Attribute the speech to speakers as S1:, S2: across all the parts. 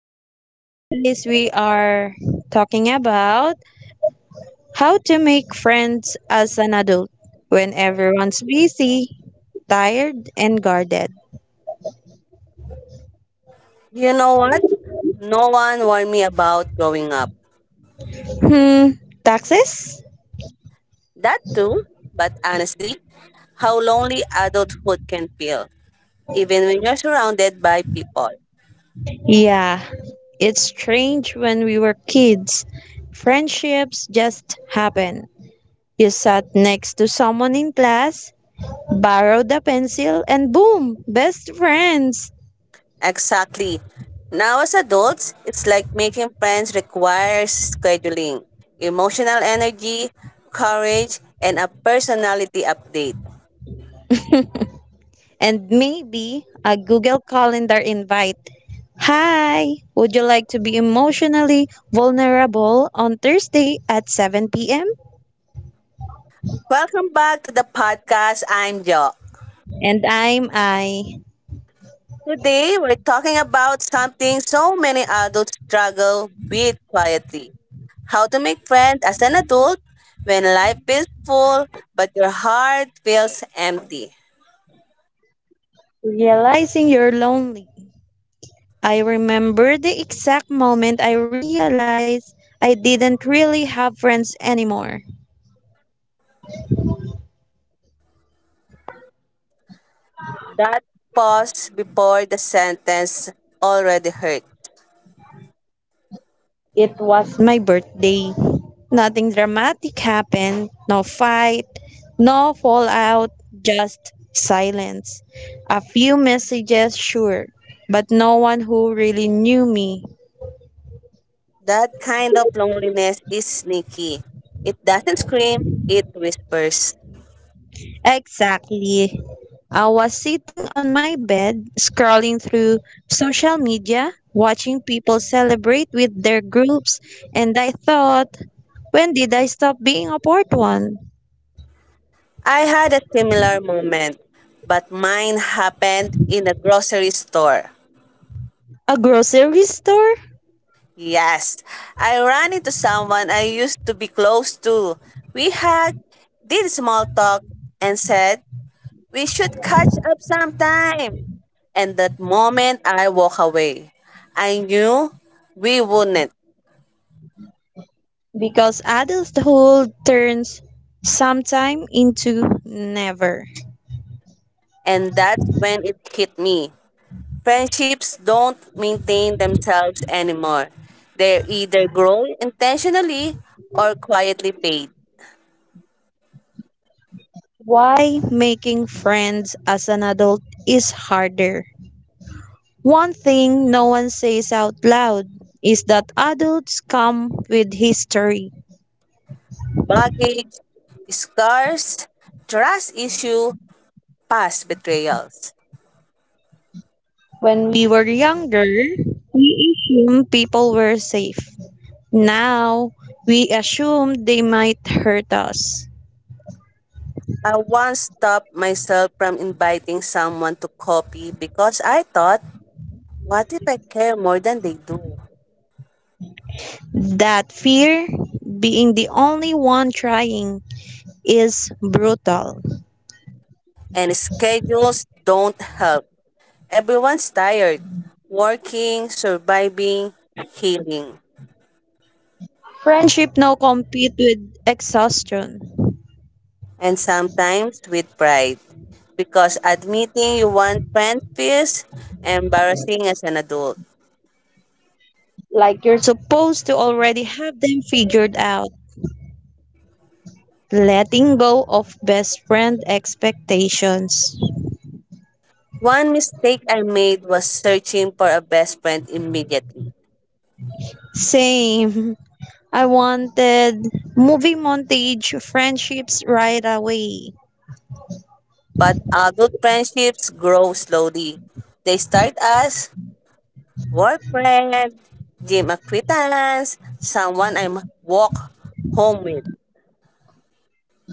S1: Hello, guys. We are talking about how to make friends as an adult when everyone's busy, tired, and guarded.
S2: You know what? No one warned me about growing up.
S1: Hmm, taxes?
S2: That too, but honestly, how lonely adulthood can feel, even when you're surrounded by people.
S1: Yeah, it's strange when we were kids. Friendships just happen. You sat next to someone in class, borrowed a pencil, and boom, best friends.
S2: Exactly. Now, as adults, it's like making friends requires scheduling, emotional energy, courage, and a personality update.
S1: And maybe a Google Calendar invite. Hi, would you like to be emotionally vulnerable on Thursday at 7 p.m.?
S2: Welcome back to the podcast. I'm Jo.
S1: And I'm I.
S2: Today, we're talking about something so many adults struggle with quietly how to make friends as an adult when life feels full but your heart feels empty.
S1: Realizing you're lonely. I remember the exact moment I realized I didn't really have friends anymore.
S2: That pause before the sentence already hurt.
S1: It was my birthday. Nothing dramatic happened, no fight, no fallout, just silence. A few messages, sure, but no one who really knew me.
S2: That kind of loneliness is sneaky. It doesn't scream, it whispers.
S1: Exactly. I was sitting on my bed, scrolling through social media, watching people celebrate with their groups, and I thought, when did I stop being a part one?
S2: I had a similar moment, but mine happened in a grocery store.
S1: A grocery store?
S2: Yes, I ran into someone I used to be close to. We had did small talk and said we should catch up sometime. And that moment I walk away, I knew we wouldn't.
S1: Because adulthood turns sometime into never.
S2: And that's when it hit me. Friendships don't maintain themselves anymore. They either grow intentionally or quietly paid.
S1: Why making friends as an adult is harder. One thing no one says out loud is that adults come with history.
S2: Baggage, scars, trust issue, past betrayals.
S1: When we were younger, we assumed people were safe. Now, we assume they might hurt us.
S2: I once stopped myself from inviting someone to coffee because I thought, what if I care more than they do?
S1: That fear, being the only one trying, is brutal.
S2: And schedules don't help. Everyone's tired, working, surviving, healing,
S1: Friendship now compete with exhaustion.
S2: and sometimes with pride. Because admitting you want friends feels embarrassing as an adult.
S1: Like you're supposed to already have them figured out. Letting go of best friend expectations.
S2: One mistake I made was searching for a best friend immediately.
S1: Same. I wanted movie montage friendships right away.
S2: But adult friendships grow slowly. They start as work friend, gym acquaintance, someone I walk home with.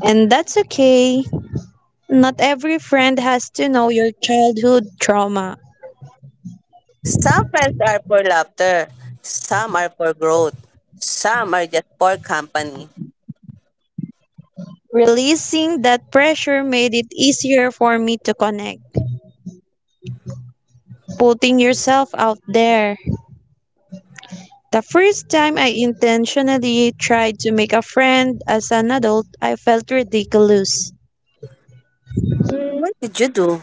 S1: And that's okay. Not every friend has to know your childhood trauma.
S2: Some friends are for laughter, some are for growth, some are just for company.
S1: Releasing that pressure made it easier for me to connect. Putting yourself out there. The first time I intentionally tried to make a friend as an adult, I felt ridiculous.
S2: Mm, what did you do?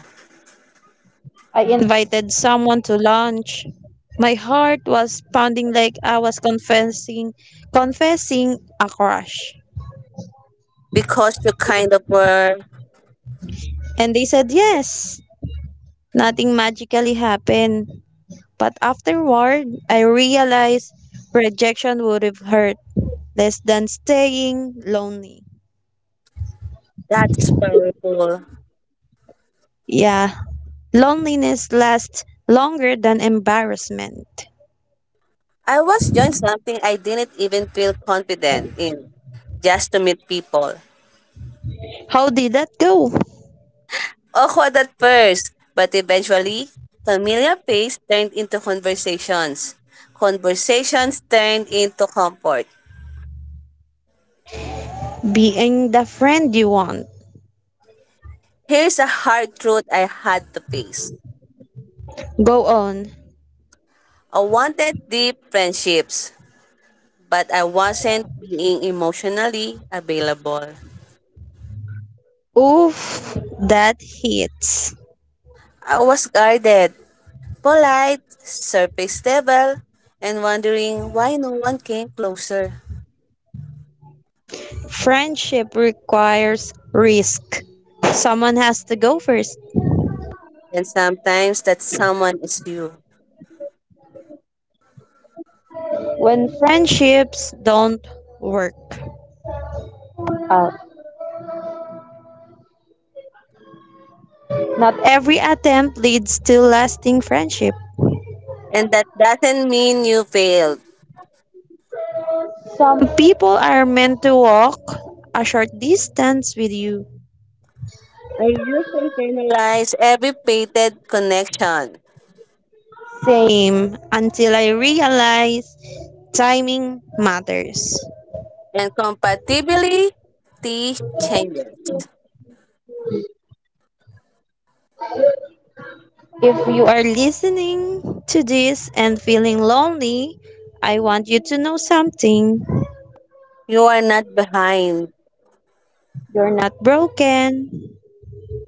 S1: I invited someone to lunch. My heart was pounding like I was confessing a crush.
S2: Because you kind of were.
S1: And they said yes. Nothing magically happened. But afterward, I realized rejection would have hurt less than staying lonely.
S2: That's powerful.
S1: Yeah, loneliness lasts longer than embarrassment.
S2: I was doing something I didn't even feel confident in, just to meet people.
S1: How did that go?
S2: Awkward at first, but eventually, familiar pace turned into conversations. Conversations turned into comfort.
S1: Being the friend you want.
S2: Here's a hard truth I had to face.
S1: Go on.
S2: I wanted deep friendships, but I wasn't being emotionally available.
S1: Oof, that hits.
S2: I was guarded, polite, surface level, and wondering why no one came closer.
S1: Friendship requires risk. Someone has to go first.
S2: And sometimes that someone is you.
S1: When friendships don't work out, not every attempt leads to lasting friendship.
S2: And that doesn't mean you failed.
S1: Some people are meant to walk a short distance with you.
S2: I used analyze every painted connection
S1: Same until I realize timing matters.
S2: and compatibility changes.
S1: If you are listening to this and feeling lonely, I want you to know something.
S2: You are not behind,
S1: You're not broken.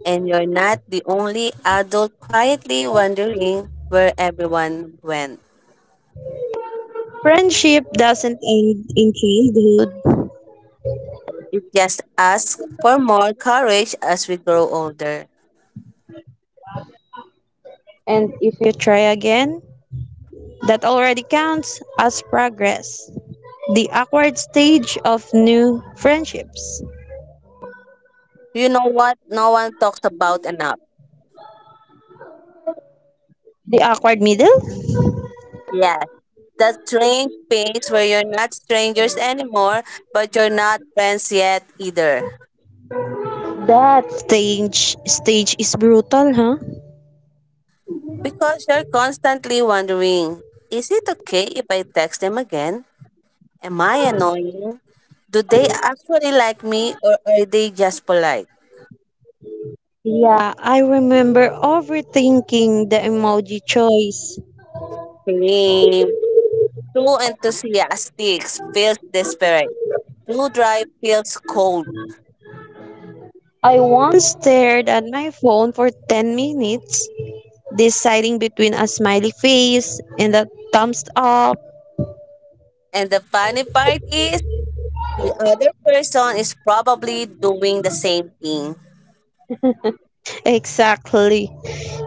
S2: and you're not the only adult quietly wondering where everyone went.
S1: Friendship doesn't end in childhood.
S2: It just asks for more courage as we grow older.
S1: And if you try again, that already counts as progress. The awkward stage of new friendships.
S2: You know what? No one talks about enough.
S1: The awkward middle?
S2: Yes, that strange phase where you're not strangers anymore, but you're not friends yet either.
S1: That stage is brutal, huh?
S2: Because you're constantly wondering, is it okay if I text them again? Am I annoying? Do they actually like me or are they just polite?
S1: Yeah, I remember overthinking the emoji choice.
S2: Same. Too enthusiastic feels desperate. Too dry feels cold.
S1: I stared at my phone for 10 minutes, deciding between a smiley face and a thumbs up.
S2: And the funny part is, the other person is probably doing the same thing.
S1: Exactly.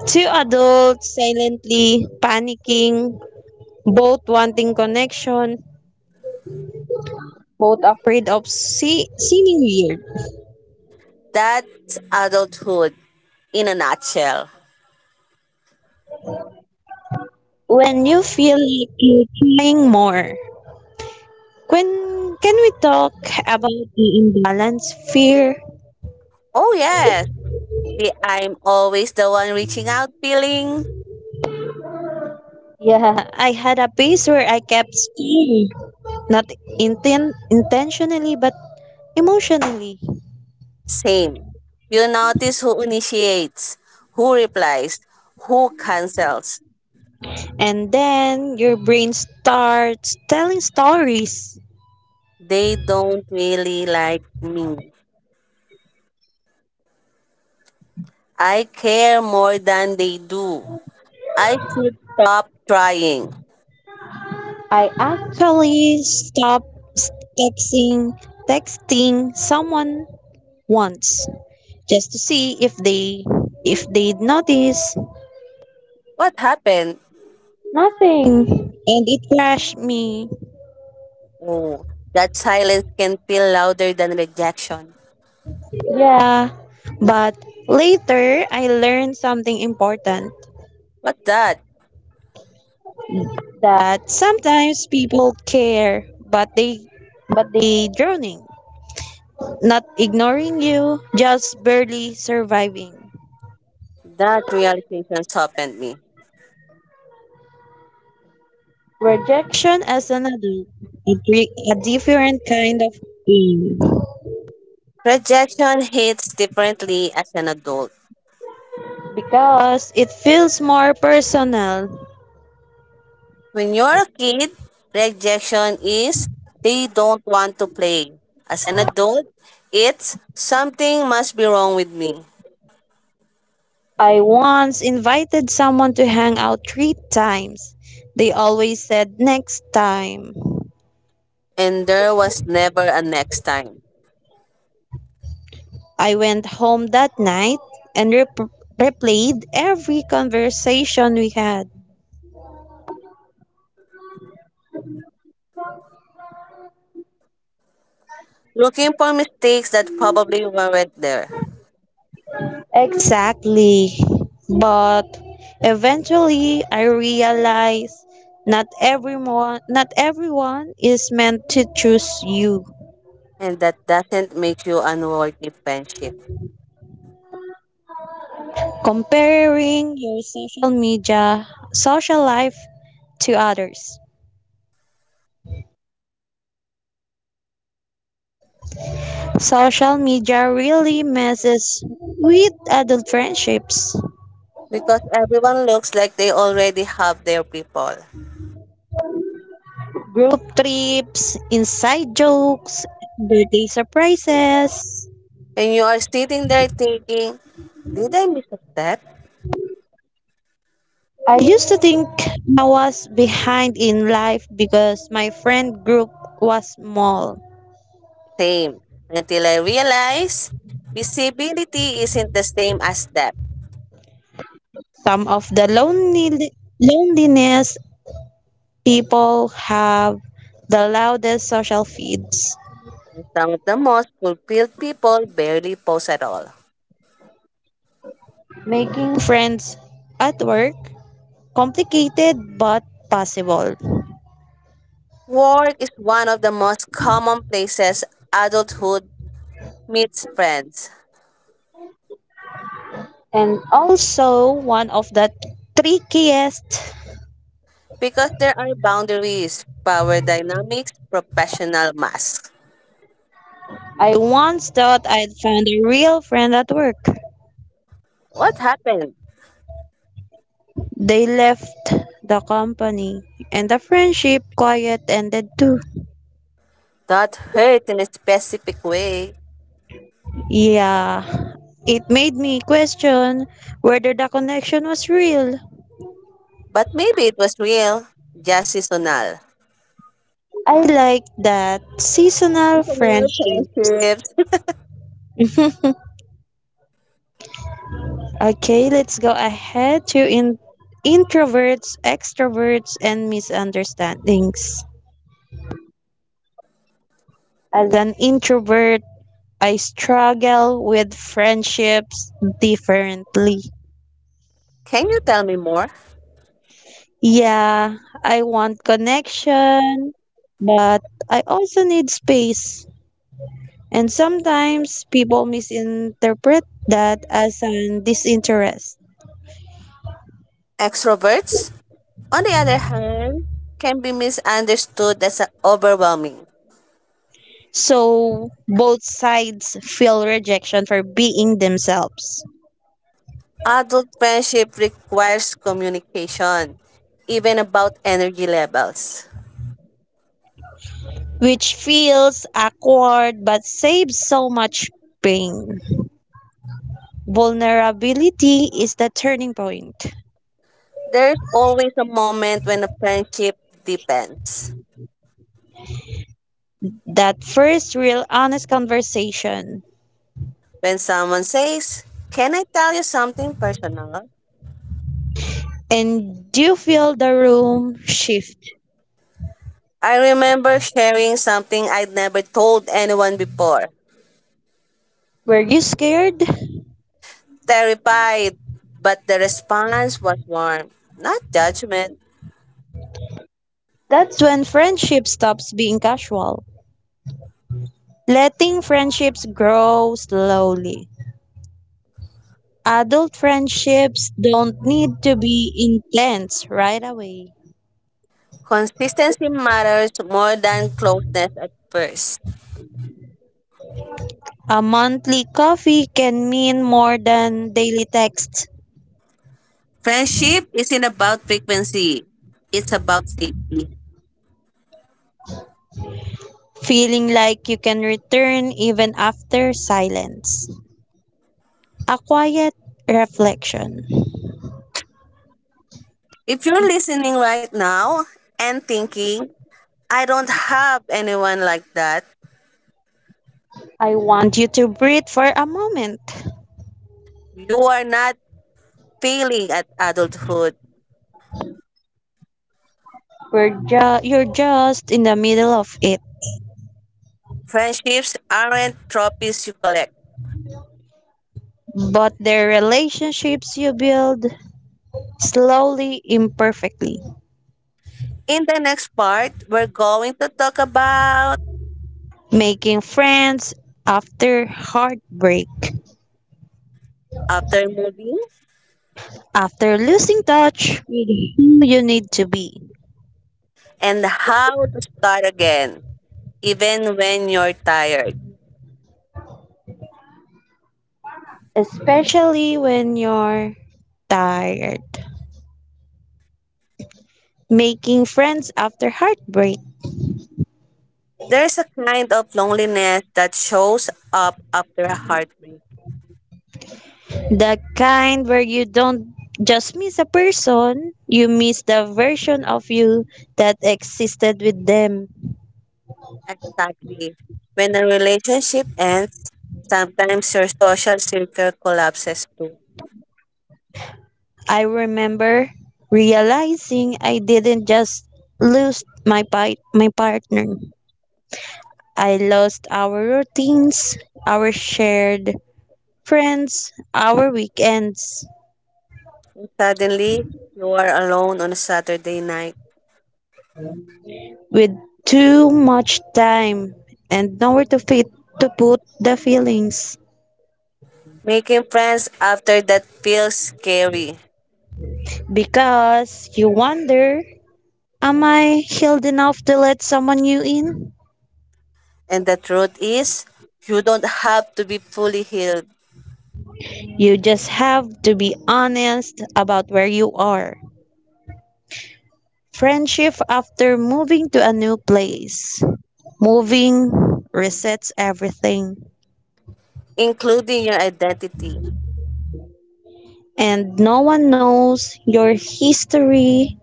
S1: Two adults silently panicking, both wanting connection, both afraid of seeming weird.
S2: That's adulthood in a nutshell.
S1: When you feel like you're trying more, when can we talk about the imbalance fear?
S2: Oh, yes, the I'm always the one reaching out feeling.
S1: I had a phase where I kept staring, not intentionally, but emotionally.
S2: Same. You notice who initiates, who replies, who cancels.
S1: And then your brain starts telling stories.
S2: They don't really like me. I care more than they do. I should stop trying.
S1: I actually stopped texting texting someone once just to see if they'd notice.
S2: What happened?
S1: Nothing, and it crashed me.
S2: Oh, that silence can feel louder than rejection.
S1: Yeah. But later I learned something important,
S2: What that?
S1: that sometimes people care but they drowning. Not ignoring you, just barely surviving.
S2: That realization softened me.
S1: Rejection as an adult, a different kind of pain.
S2: Rejection hits differently as an adult.
S1: Because it feels more personal.
S2: When you're a kid, rejection is they don't want to play. As an adult, it's something must be wrong with me.
S1: I once invited someone to hang out three times. They always said next time.
S2: And there was never a next time.
S1: I went home that night and replayed every conversation we had.
S2: Looking for mistakes that probably weren't there.
S1: Exactly. But eventually I realized not everyone is meant to choose you.
S2: And that doesn't make you unworthy friendship.
S1: Comparing your social media social life to others. Social media really messes with adult friendships,
S2: Because everyone looks like they already have their people.
S1: group trips, inside jokes, birthday surprises.
S2: And you are sitting there thinking, did I miss a step?
S1: I used to think I was behind in life because my friend group was small.
S2: Same. Until I realized visibility isn't the same as depth.
S1: Some of the loneliness people have the loudest social feeds,
S2: And some of the most fulfilled people barely post at all.
S1: making friends at work complicated but possible.
S2: Work is one of the most common places adulthood meets friends
S1: And also, one of the trickiest,
S2: because there are boundaries, power dynamics, professional masks.
S1: I once thought I'd found a real friend at work.
S2: What happened?
S1: They left the company, and the friendship quiet ended too.
S2: That hurt in a specific way,
S1: Yeah, it made me question whether the connection was real.
S2: but maybe it was real, just seasonal.
S1: I like that seasonal
S2: Seasonal
S1: friendship.
S2: friendships.
S1: Okay, let's go ahead to introverts, extroverts, and misunderstandings. As an introvert, I struggle with friendships differently.
S2: Can you tell me more?
S1: Yeah, I want connection, but I also need space. And sometimes people misinterpret that as an disinterest.
S2: Extroverts, on the other hand, can be misunderstood as overwhelming.
S1: So both sides feel rejection for being themselves,
S2: Adult friendship requires communication, even about energy levels.
S1: which feels awkward but saves so much pain. Vulnerability is the turning point,
S2: There's always a moment when a friendship depends.
S1: that first real honest conversation.
S2: When someone says, can I tell you something personal?
S1: And do you feel the room shift?
S2: I remember sharing something I'd never told anyone before.
S1: Were you scared?
S2: Terrified, but the response was warm, not judgment.
S1: That's when friendship stops being casual. Letting friendships grow slowly. Adult friendships don't need to be intense right away.
S2: Consistency matters more than closeness at first.
S1: A monthly coffee can mean more than daily texts.
S2: Friendship isn't about frequency, it's about safety.
S1: Feeling like you can return even after silence. A quiet reflection.
S2: If you're listening right now and thinking, I don't have anyone like that,
S1: I want you to breathe for a moment.
S2: you are not failing at adulthood.
S1: You're just in the middle of it.
S2: Friendships aren't trophies you collect.
S1: But the relationships you build slowly imperfectly
S2: In the next part, we're going to talk about
S1: making friends after heartbreak
S2: after moving
S1: after losing touch who you need to be
S2: and how to start again, even when you're tired.
S1: especially when you're tired making friends after heartbreak,
S2: There's a kind of loneliness that shows up after a heartbreak.
S1: the kind where you don't just miss a person, you miss the version of you that existed with them.
S2: Exactly. When a relationship ends, sometimes your social circle collapses too.
S1: I remember realizing I didn't just lose my partner. I lost our routines, our shared friends, our weekends
S2: Suddenly, you are alone on a Saturday night.
S1: with too much time and nowhere to fit to put the feelings.
S2: Making friends after that feels scary.
S1: Because you wonder, am I healed enough to let someone new in?
S2: And the truth is, you don't have to be fully healed,
S1: You just have to be honest about where you are. Friendship after moving to a new place. Moving resets everything.
S2: including your identity.
S1: And no one knows your history.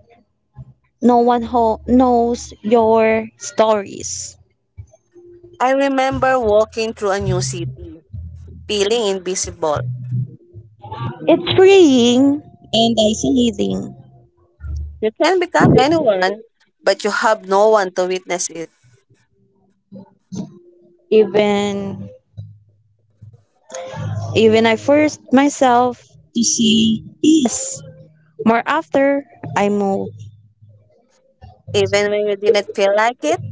S1: No one knows your stories.
S2: I remember walking through a new city, feeling invisible.
S1: It's freeing and isolating.
S2: You can become anyone, but you have no one to witness it.
S1: Even even I forced myself to say yes more after I moved.
S2: Even when you didn't feel like it,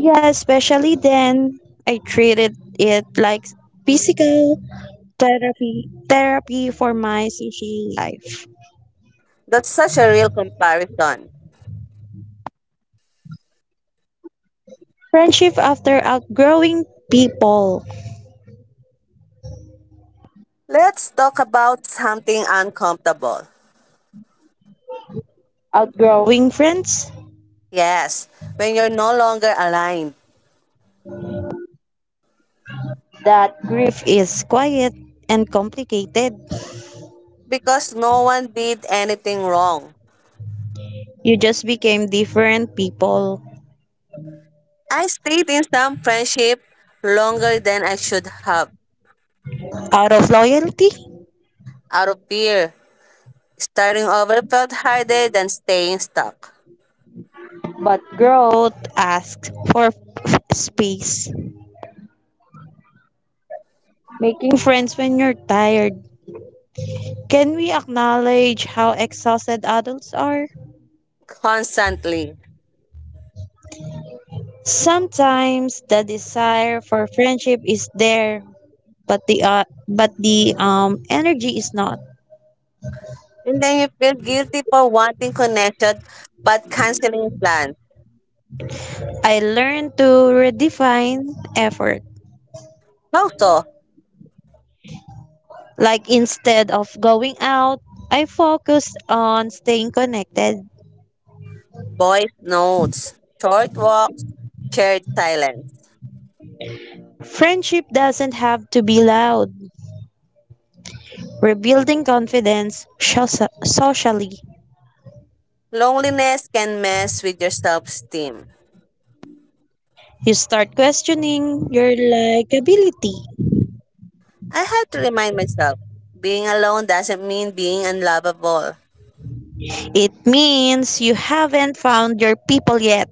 S1: Yeah, especially then I treated it like physical therapy for my social life.
S2: that's such a real comparison.
S1: Friendship after outgrowing people.
S2: Let's talk about something uncomfortable.
S1: Outgrowing friends,
S2: Yes, when you're no longer aligned
S1: that grief is quiet and complicated.
S2: because no one did anything wrong.
S1: You just became different people
S2: I stayed in some friendship longer than I should have.
S1: out of loyalty,
S2: Out of fear, starting over felt harder than staying stuck.
S1: but growth asks for space. Making friends when you're tired. Can we acknowledge how exhausted adults are?
S2: Constantly.
S1: Sometimes the desire for friendship is there, but the energy is not.
S2: And then you feel guilty for wanting connection but canceling plans.
S1: I learned to redefine effort.
S2: How so?
S1: Like instead of going out, I focused on staying connected.
S2: Voice notes, short walks, shared silence.
S1: Friendship doesn't have to be loud. Rebuilding confidence socially.
S2: Loneliness can mess with your self esteem.
S1: You start questioning your likability.
S2: I had to remind myself being alone doesn't mean being unlovable.
S1: It means you haven't found your people yet.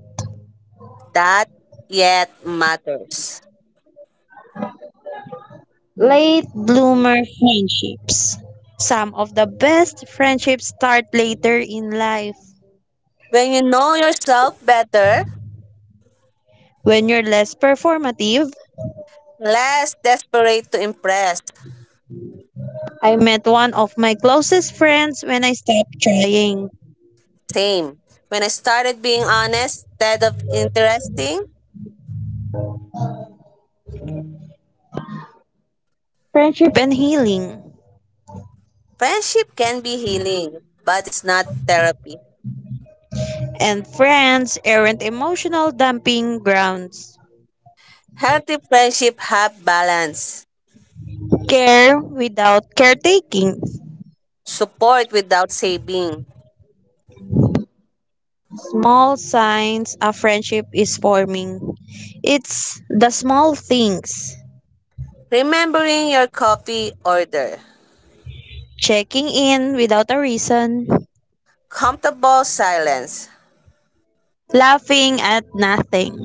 S2: That yet matters.
S1: Late bloomer friendships. Some of the best friendships start later in life
S2: When you know yourself better,
S1: when you're less performative.
S2: less desperate to impress.
S1: I met one of my closest friends when I stopped trying.
S2: Same. When I started being honest instead of interesting,
S1: Friendship and healing.
S2: friendship can be healing, but it's not therapy.
S1: And friends aren't emotional dumping grounds.
S2: Healthy friendship have balance,
S1: Care without caretaking.
S2: support without saving,
S1: Small signs a friendship is forming. It's the small things.
S2: remembering your coffee order,
S1: Checking in without a reason,
S2: comfortable silence.
S1: laughing at nothing.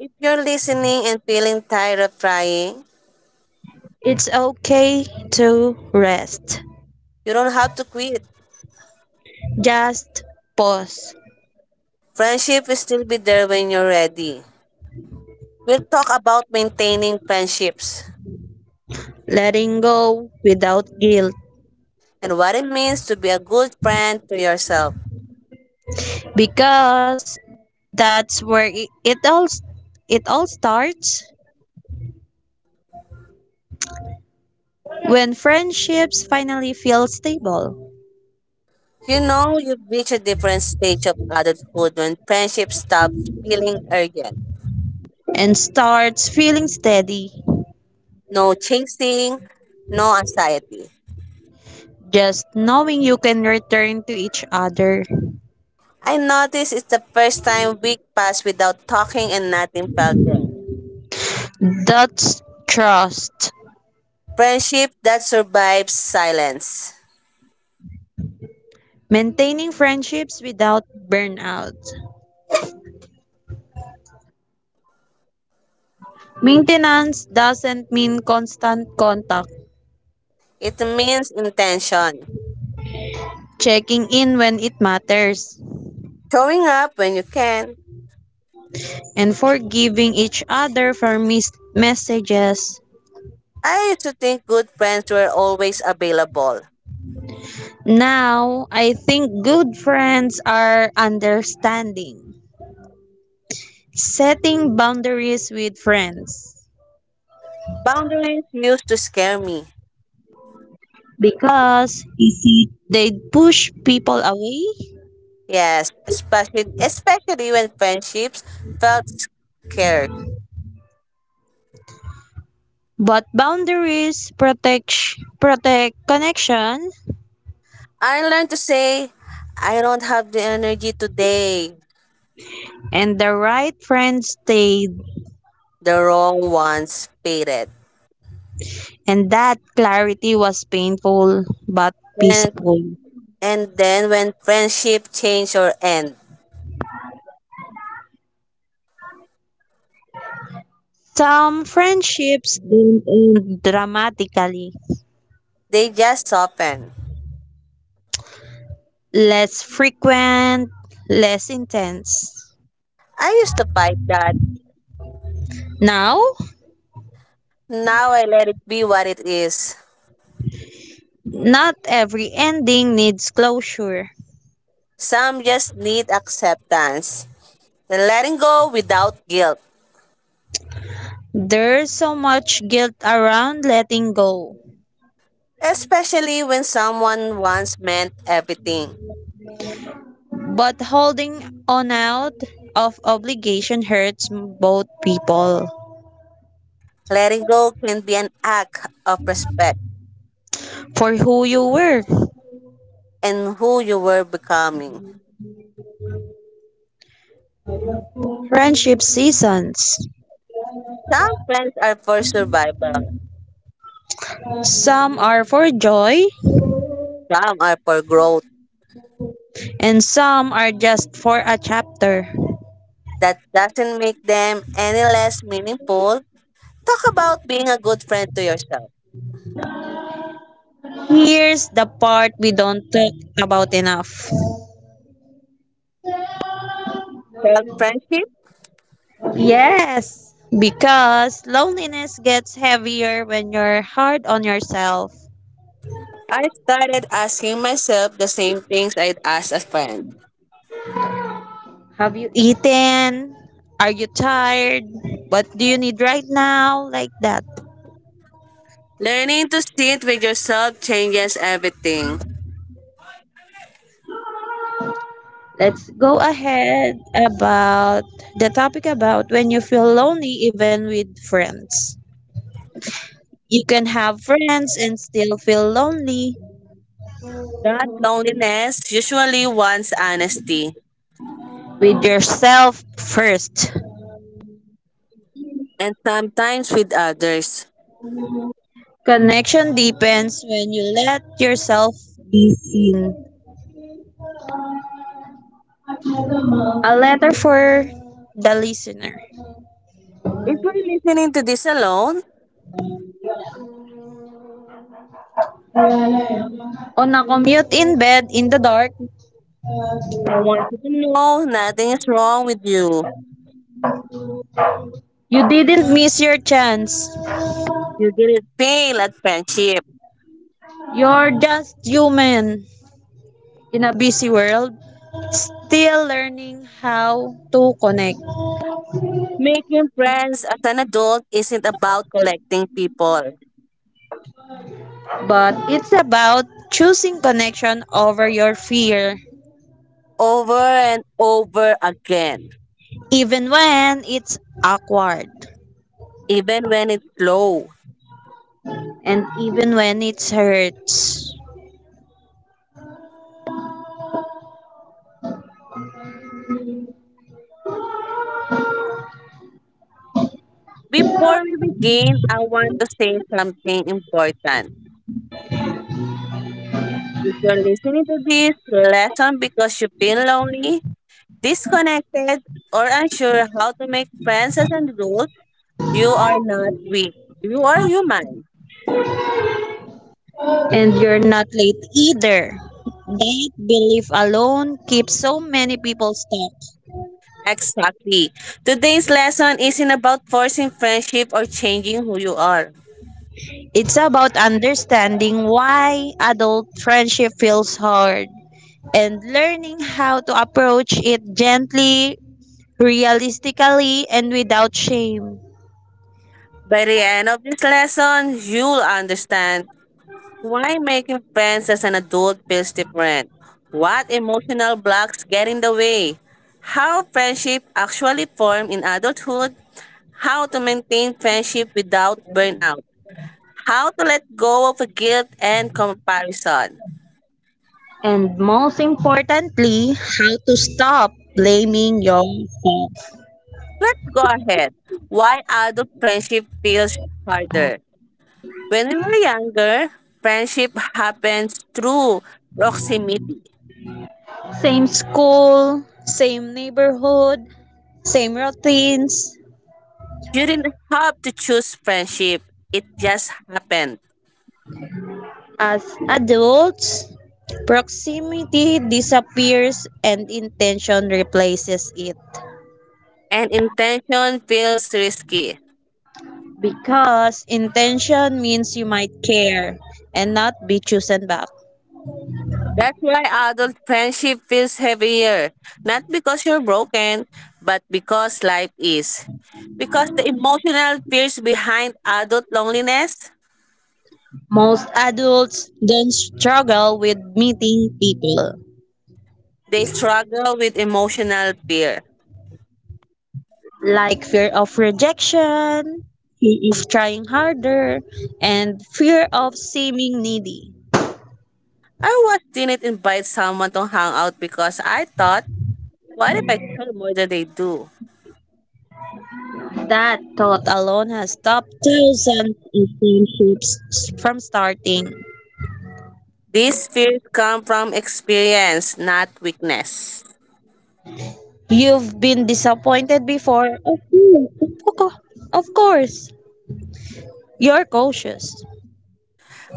S2: If you're listening and feeling tired of trying,
S1: It's okay to rest.
S2: you don't have to quit.
S1: Just pause,
S2: Friendship will still be there when you're ready. We'll talk about maintaining friendships
S1: letting go without guilt
S2: and what it means to be a good friend to yourself.
S1: because that's where it all starts when friendships finally feel stable
S2: You know, you reach a different stage of adulthood when friendship stops feeling urgent.
S1: and starts feeling steady.
S2: No chasing, no anxiety.
S1: Just knowing you can return to each other.
S2: I noticed it's the first time week passed without talking and nothing felt wrong.
S1: That's trust.
S2: Friendship that survives silence.
S1: Maintaining friendships without burnout. Maintenance doesn't mean constant contact,
S2: It means intention.
S1: checking in when it matters,
S2: Showing up when you can.
S1: and forgiving each other for missed messages.
S2: I used to think good friends were always available.
S1: Now, I think good friends are understanding, setting boundaries with friends.
S2: Boundaries used to scare me.
S1: Because they push people away,
S2: Yes, especially when friendships felt scarce.
S1: but boundaries protect connection,
S2: I learned to say, I don't have the energy today.
S1: and the right friends stay.
S2: The wrong ones faded.
S1: And that clarity was painful but
S2: And,
S1: peaceful.
S2: and then when friendship change or end,
S1: Some friendships didn't end dramatically,
S2: they just soften.
S1: less frequent, less intense.
S2: I used to fight that.
S1: Now,
S2: Now I let it be what it is.
S1: not every ending needs closure.
S2: Some just need acceptance. The letting go without guilt.
S1: There's so much guilt around letting go,
S2: Especially when someone once meant everything.
S1: but holding on out of obligation hurts both people.
S2: Letting go can be an act of respect
S1: For who you were,
S2: and who you were becoming.
S1: friendship seasons.
S2: Some friends are for survival,
S1: Some are for joy,
S2: some are for growth.
S1: and some are just for a chapter.
S2: That doesn't make them any less meaningful. Talk about being a good friend to yourself.
S1: Here's the part we don't talk about enough.
S2: Self friendship?
S1: Yes, because loneliness gets heavier when you're hard on yourself.
S2: I started asking myself the same things I'd ask a friend.
S1: Have you eaten? Are you tired? What do you need right now? Like that.
S2: Learning to sit with yourself changes everything.
S1: Let's go ahead about the topic about when you feel lonely even with friends. You can have friends and still feel lonely.
S2: That loneliness usually wants honesty,
S1: With yourself first.
S2: and sometimes with others.
S1: Connection deepens when you let yourself be seen. A letter for the listener.
S2: If you're listening to this alone,
S1: On a commute in bed in the dark,
S2: I want you to know nothing is wrong with you.
S1: you didn't miss your chance.
S2: You didn't fail at friendship.
S1: You're just human in a busy world, still learning how to connect.
S2: Making friends as an adult isn't about collecting people
S1: But it's about choosing connection over your fear,
S2: over and over again,
S1: even when it's awkward
S2: even when it's slow.
S1: and even when it hurts.
S2: Before we begin, I want to say something important. If you're listening to this lesson because you feel lonely, disconnected, or unsure how to make friends as an adult, you are not weak. You are human.
S1: And you're not late either. That belief alone keeps so many people stuck.
S2: Exactly. Today's lesson isn't about forcing friendship or changing who you are.
S1: It's about understanding why adult friendship feels hard and learning how to approach it gently, realistically, and without shame.
S2: By the end of this lesson, you'll understand why making friends as an adult feels different, what emotional blocks get in the way, how friendship actually form in adulthood, how to maintain friendship without burnout, how to let go of guilt and comparison.
S1: And most importantly, how to stop blaming yourself.
S2: Let's go ahead. Why adult friendship feels harder? When we were younger, friendship happens through proximity.
S1: Same school, same neighborhood, same routines.
S2: You didn't have to choose friendship, it just happened.
S1: As adults, proximity disappears and intention replaces it.
S2: And intention feels risky.
S1: Because intention means you might care and not be chosen back.
S2: That's why adult friendship feels heavier. Not because you're broken, but because life is. Because the emotional fears behind adult loneliness,
S1: Most adults then struggle with meeting people,
S2: they struggle with emotional fear.
S1: like fear of rejection, fear of trying harder, and fear of seeming needy.
S2: I once didn't invite someone to hang out because I thought, what if I care more than they do?
S1: That thought alone has stopped thousands of friendships from starting.
S2: These fears come from experience, not weakness.
S1: You've been disappointed before? Of course. Of co- of course. You're cautious.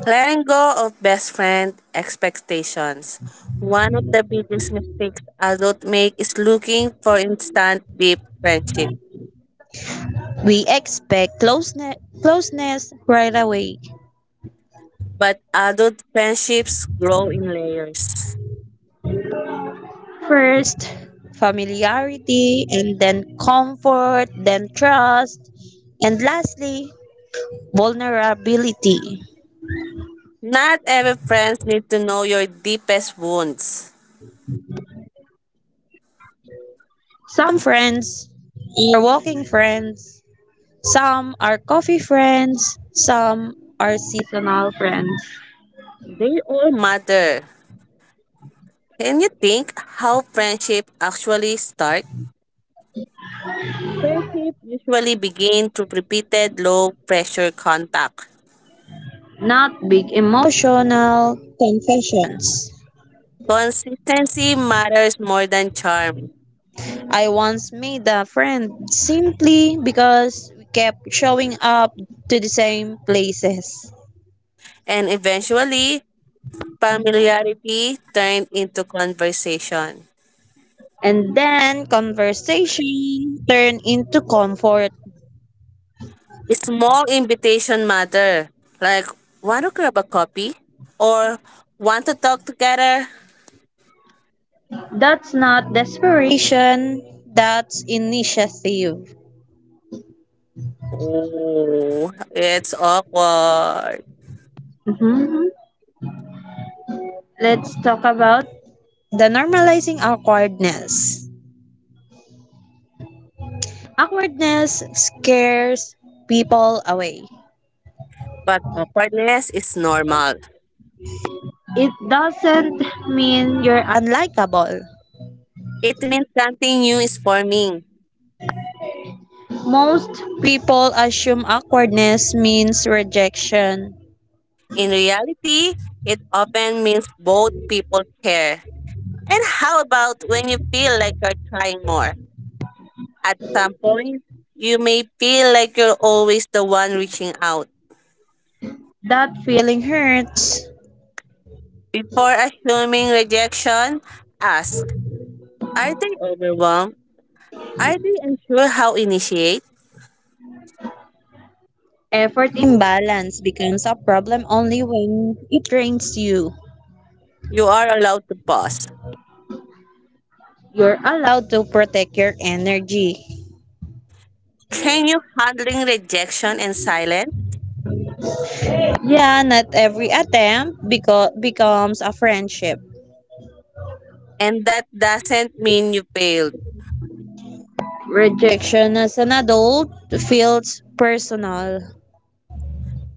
S2: Letting go of best friend expectations. One of the biggest mistakes adults make is looking for instant deep friendship.
S1: We expect closeness right away.
S2: But adult friendships grow in layers.
S1: First, familiarity, and then comfort, then trust, and lastly, vulnerability.
S2: Not every friend needs to know your deepest wounds.
S1: Some friends are walking friends, some are coffee friends, some are seasonal friends.
S2: They all matter. Can you think how friendship actually start? Friendship usually begin through repeated low pressure contact.
S1: Not big emotional confessions.
S2: Consistency matters more than charm,
S1: I once made a friend simply because we kept showing up to the same places.
S2: and eventually familiarity turned into conversation.
S1: And then conversation turned into comfort.
S2: Small invitation matter, like want to grab a coffee or want to talk together.
S1: That's not desperation, that's initiative.
S2: Oh, it's awkward.
S1: Mhm. Let's talk about the normalizing awkwardness. Awkwardness scares people away.
S2: But awkwardness is normal.
S1: It doesn't mean you're unlikable.
S2: It means something new is forming.
S1: Most people assume awkwardness means rejection.
S2: In reality, it often means both people care. And how about when you feel like you're trying more? At some point, you may feel like you're always the one reaching out.
S1: That feeling hurts.
S2: Before assuming rejection, ask are they overwhelmed? Are they unsure how initiate?
S1: Effort imbalance becomes a problem only when it drains you.
S2: You are allowed to pause.
S1: You're allowed to protect your energy.
S2: Can you handling rejection and silence?
S1: Yeah, not every attempt becomes a friendship.
S2: And that doesn't mean you failed.
S1: Rejection as an adult feels personal.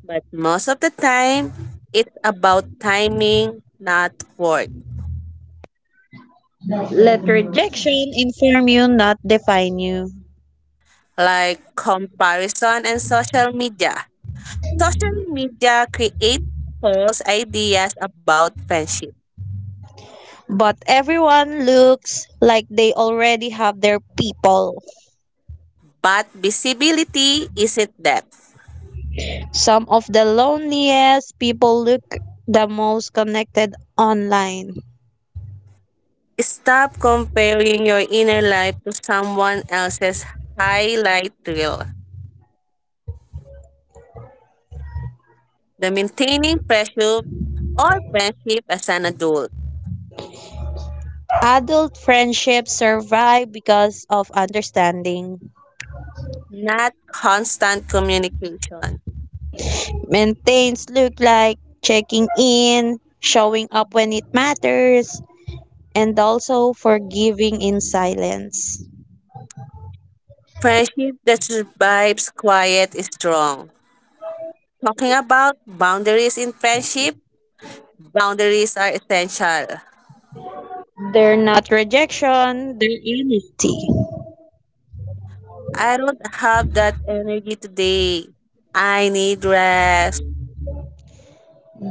S2: But most of the time, it's about timing, not worth.
S1: Let rejection inform you, not define you.
S2: Like comparison and social media. Social media creates false ideas about friendship,
S1: But everyone looks like they already have their people.
S2: but visibility isn't depth.
S1: Some of the loneliest people look the most connected online.
S2: Stop comparing your inner life to someone else's highlight reel. The maintaining pressure or friendship as an adult,
S1: Adult friendships survive because of understanding.
S2: not constant communication.
S1: Maintains look like checking in, showing up when it matters, and also forgiving in silence.
S2: Friendship that survives quiet is strong. Talking about boundaries in friendship, boundaries are essential.
S1: They're not rejection, they're honesty.
S2: I don't have that energy today. I need rest.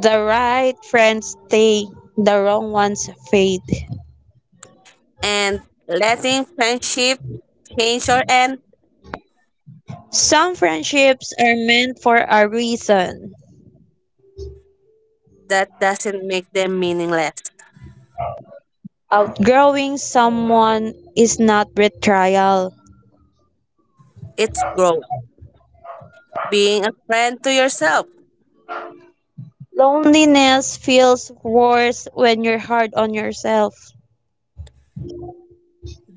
S1: The right friends stay, the wrong ones fade.
S2: And letting friendship change or end,
S1: Some friendships are meant for a reason.
S2: that doesn't make them meaningless.
S1: Outgrowing someone is not betrayal.
S2: It's growth. Being a friend to yourself.
S1: Loneliness feels worse when you're hard on yourself.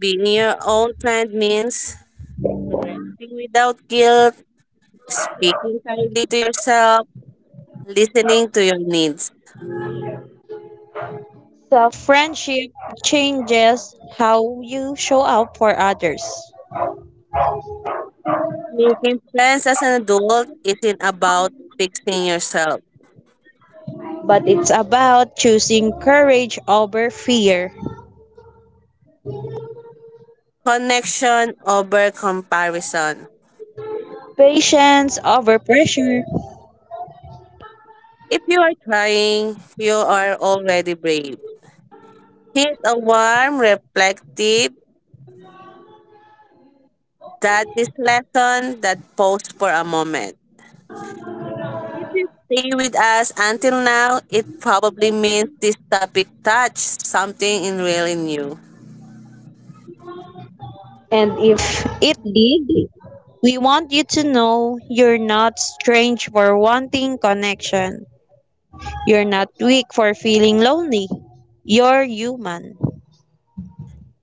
S2: Being your own friend means resting without guilt, speaking kindly to yourself, listening to your needs.
S1: Self friendship changes how you show up for others.
S2: Making friends as an adult isn't about fixing yourself.
S1: But it's about choosing courage over fear,
S2: Connection over comparison.
S1: patience over pressure,
S2: If you are trying, you are already brave. Here's a warm, reflective, that is lesson that pause for a moment. If you stay with us until now, it probably means this topic touched something in really new.
S1: and if it did, we want you to know you're not strange for wanting connection. You're not weak for feeling lonely. You're human.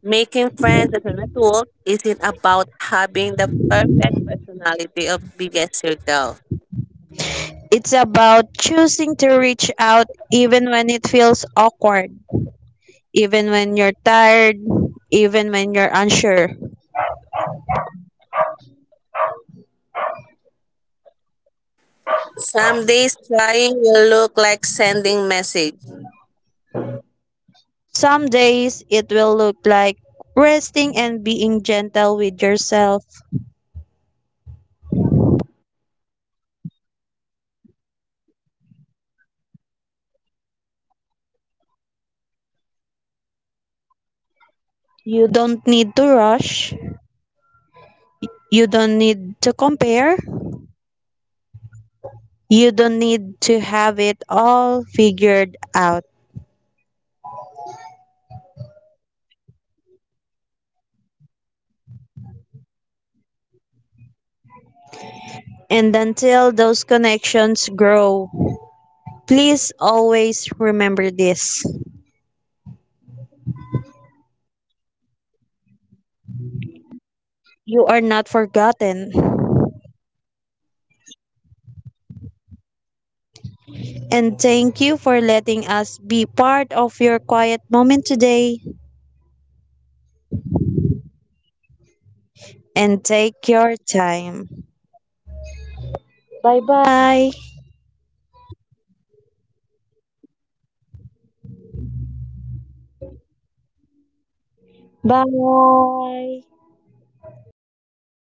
S2: Making friends as an adult isn't about having the perfect personality of biggest circle.
S1: It's about choosing to reach out even when it feels awkward, even when you're tired, even when you're unsure.
S2: Some days trying will look like sending message.
S1: Some days it will look like resting and being gentle with yourself.
S2: Both still count.
S1: You don't need to rush. You don't need to compare. You don't need to have it all figured out.
S2: The right people will meet you where you are, not where you think you should be.
S1: And until those connections grow, please always remember this.
S2: You are not behind.
S1: You are not forgotten.
S2: You are becoming.
S1: And thank you for letting us be part of your quiet moment today.
S2: Take care of yourself.
S1: And take your time. Bye bye.
S2: Thank you for today. Thank you for listening with us. Hope you enjoy it and have a good day. Bye.
S1: Bye.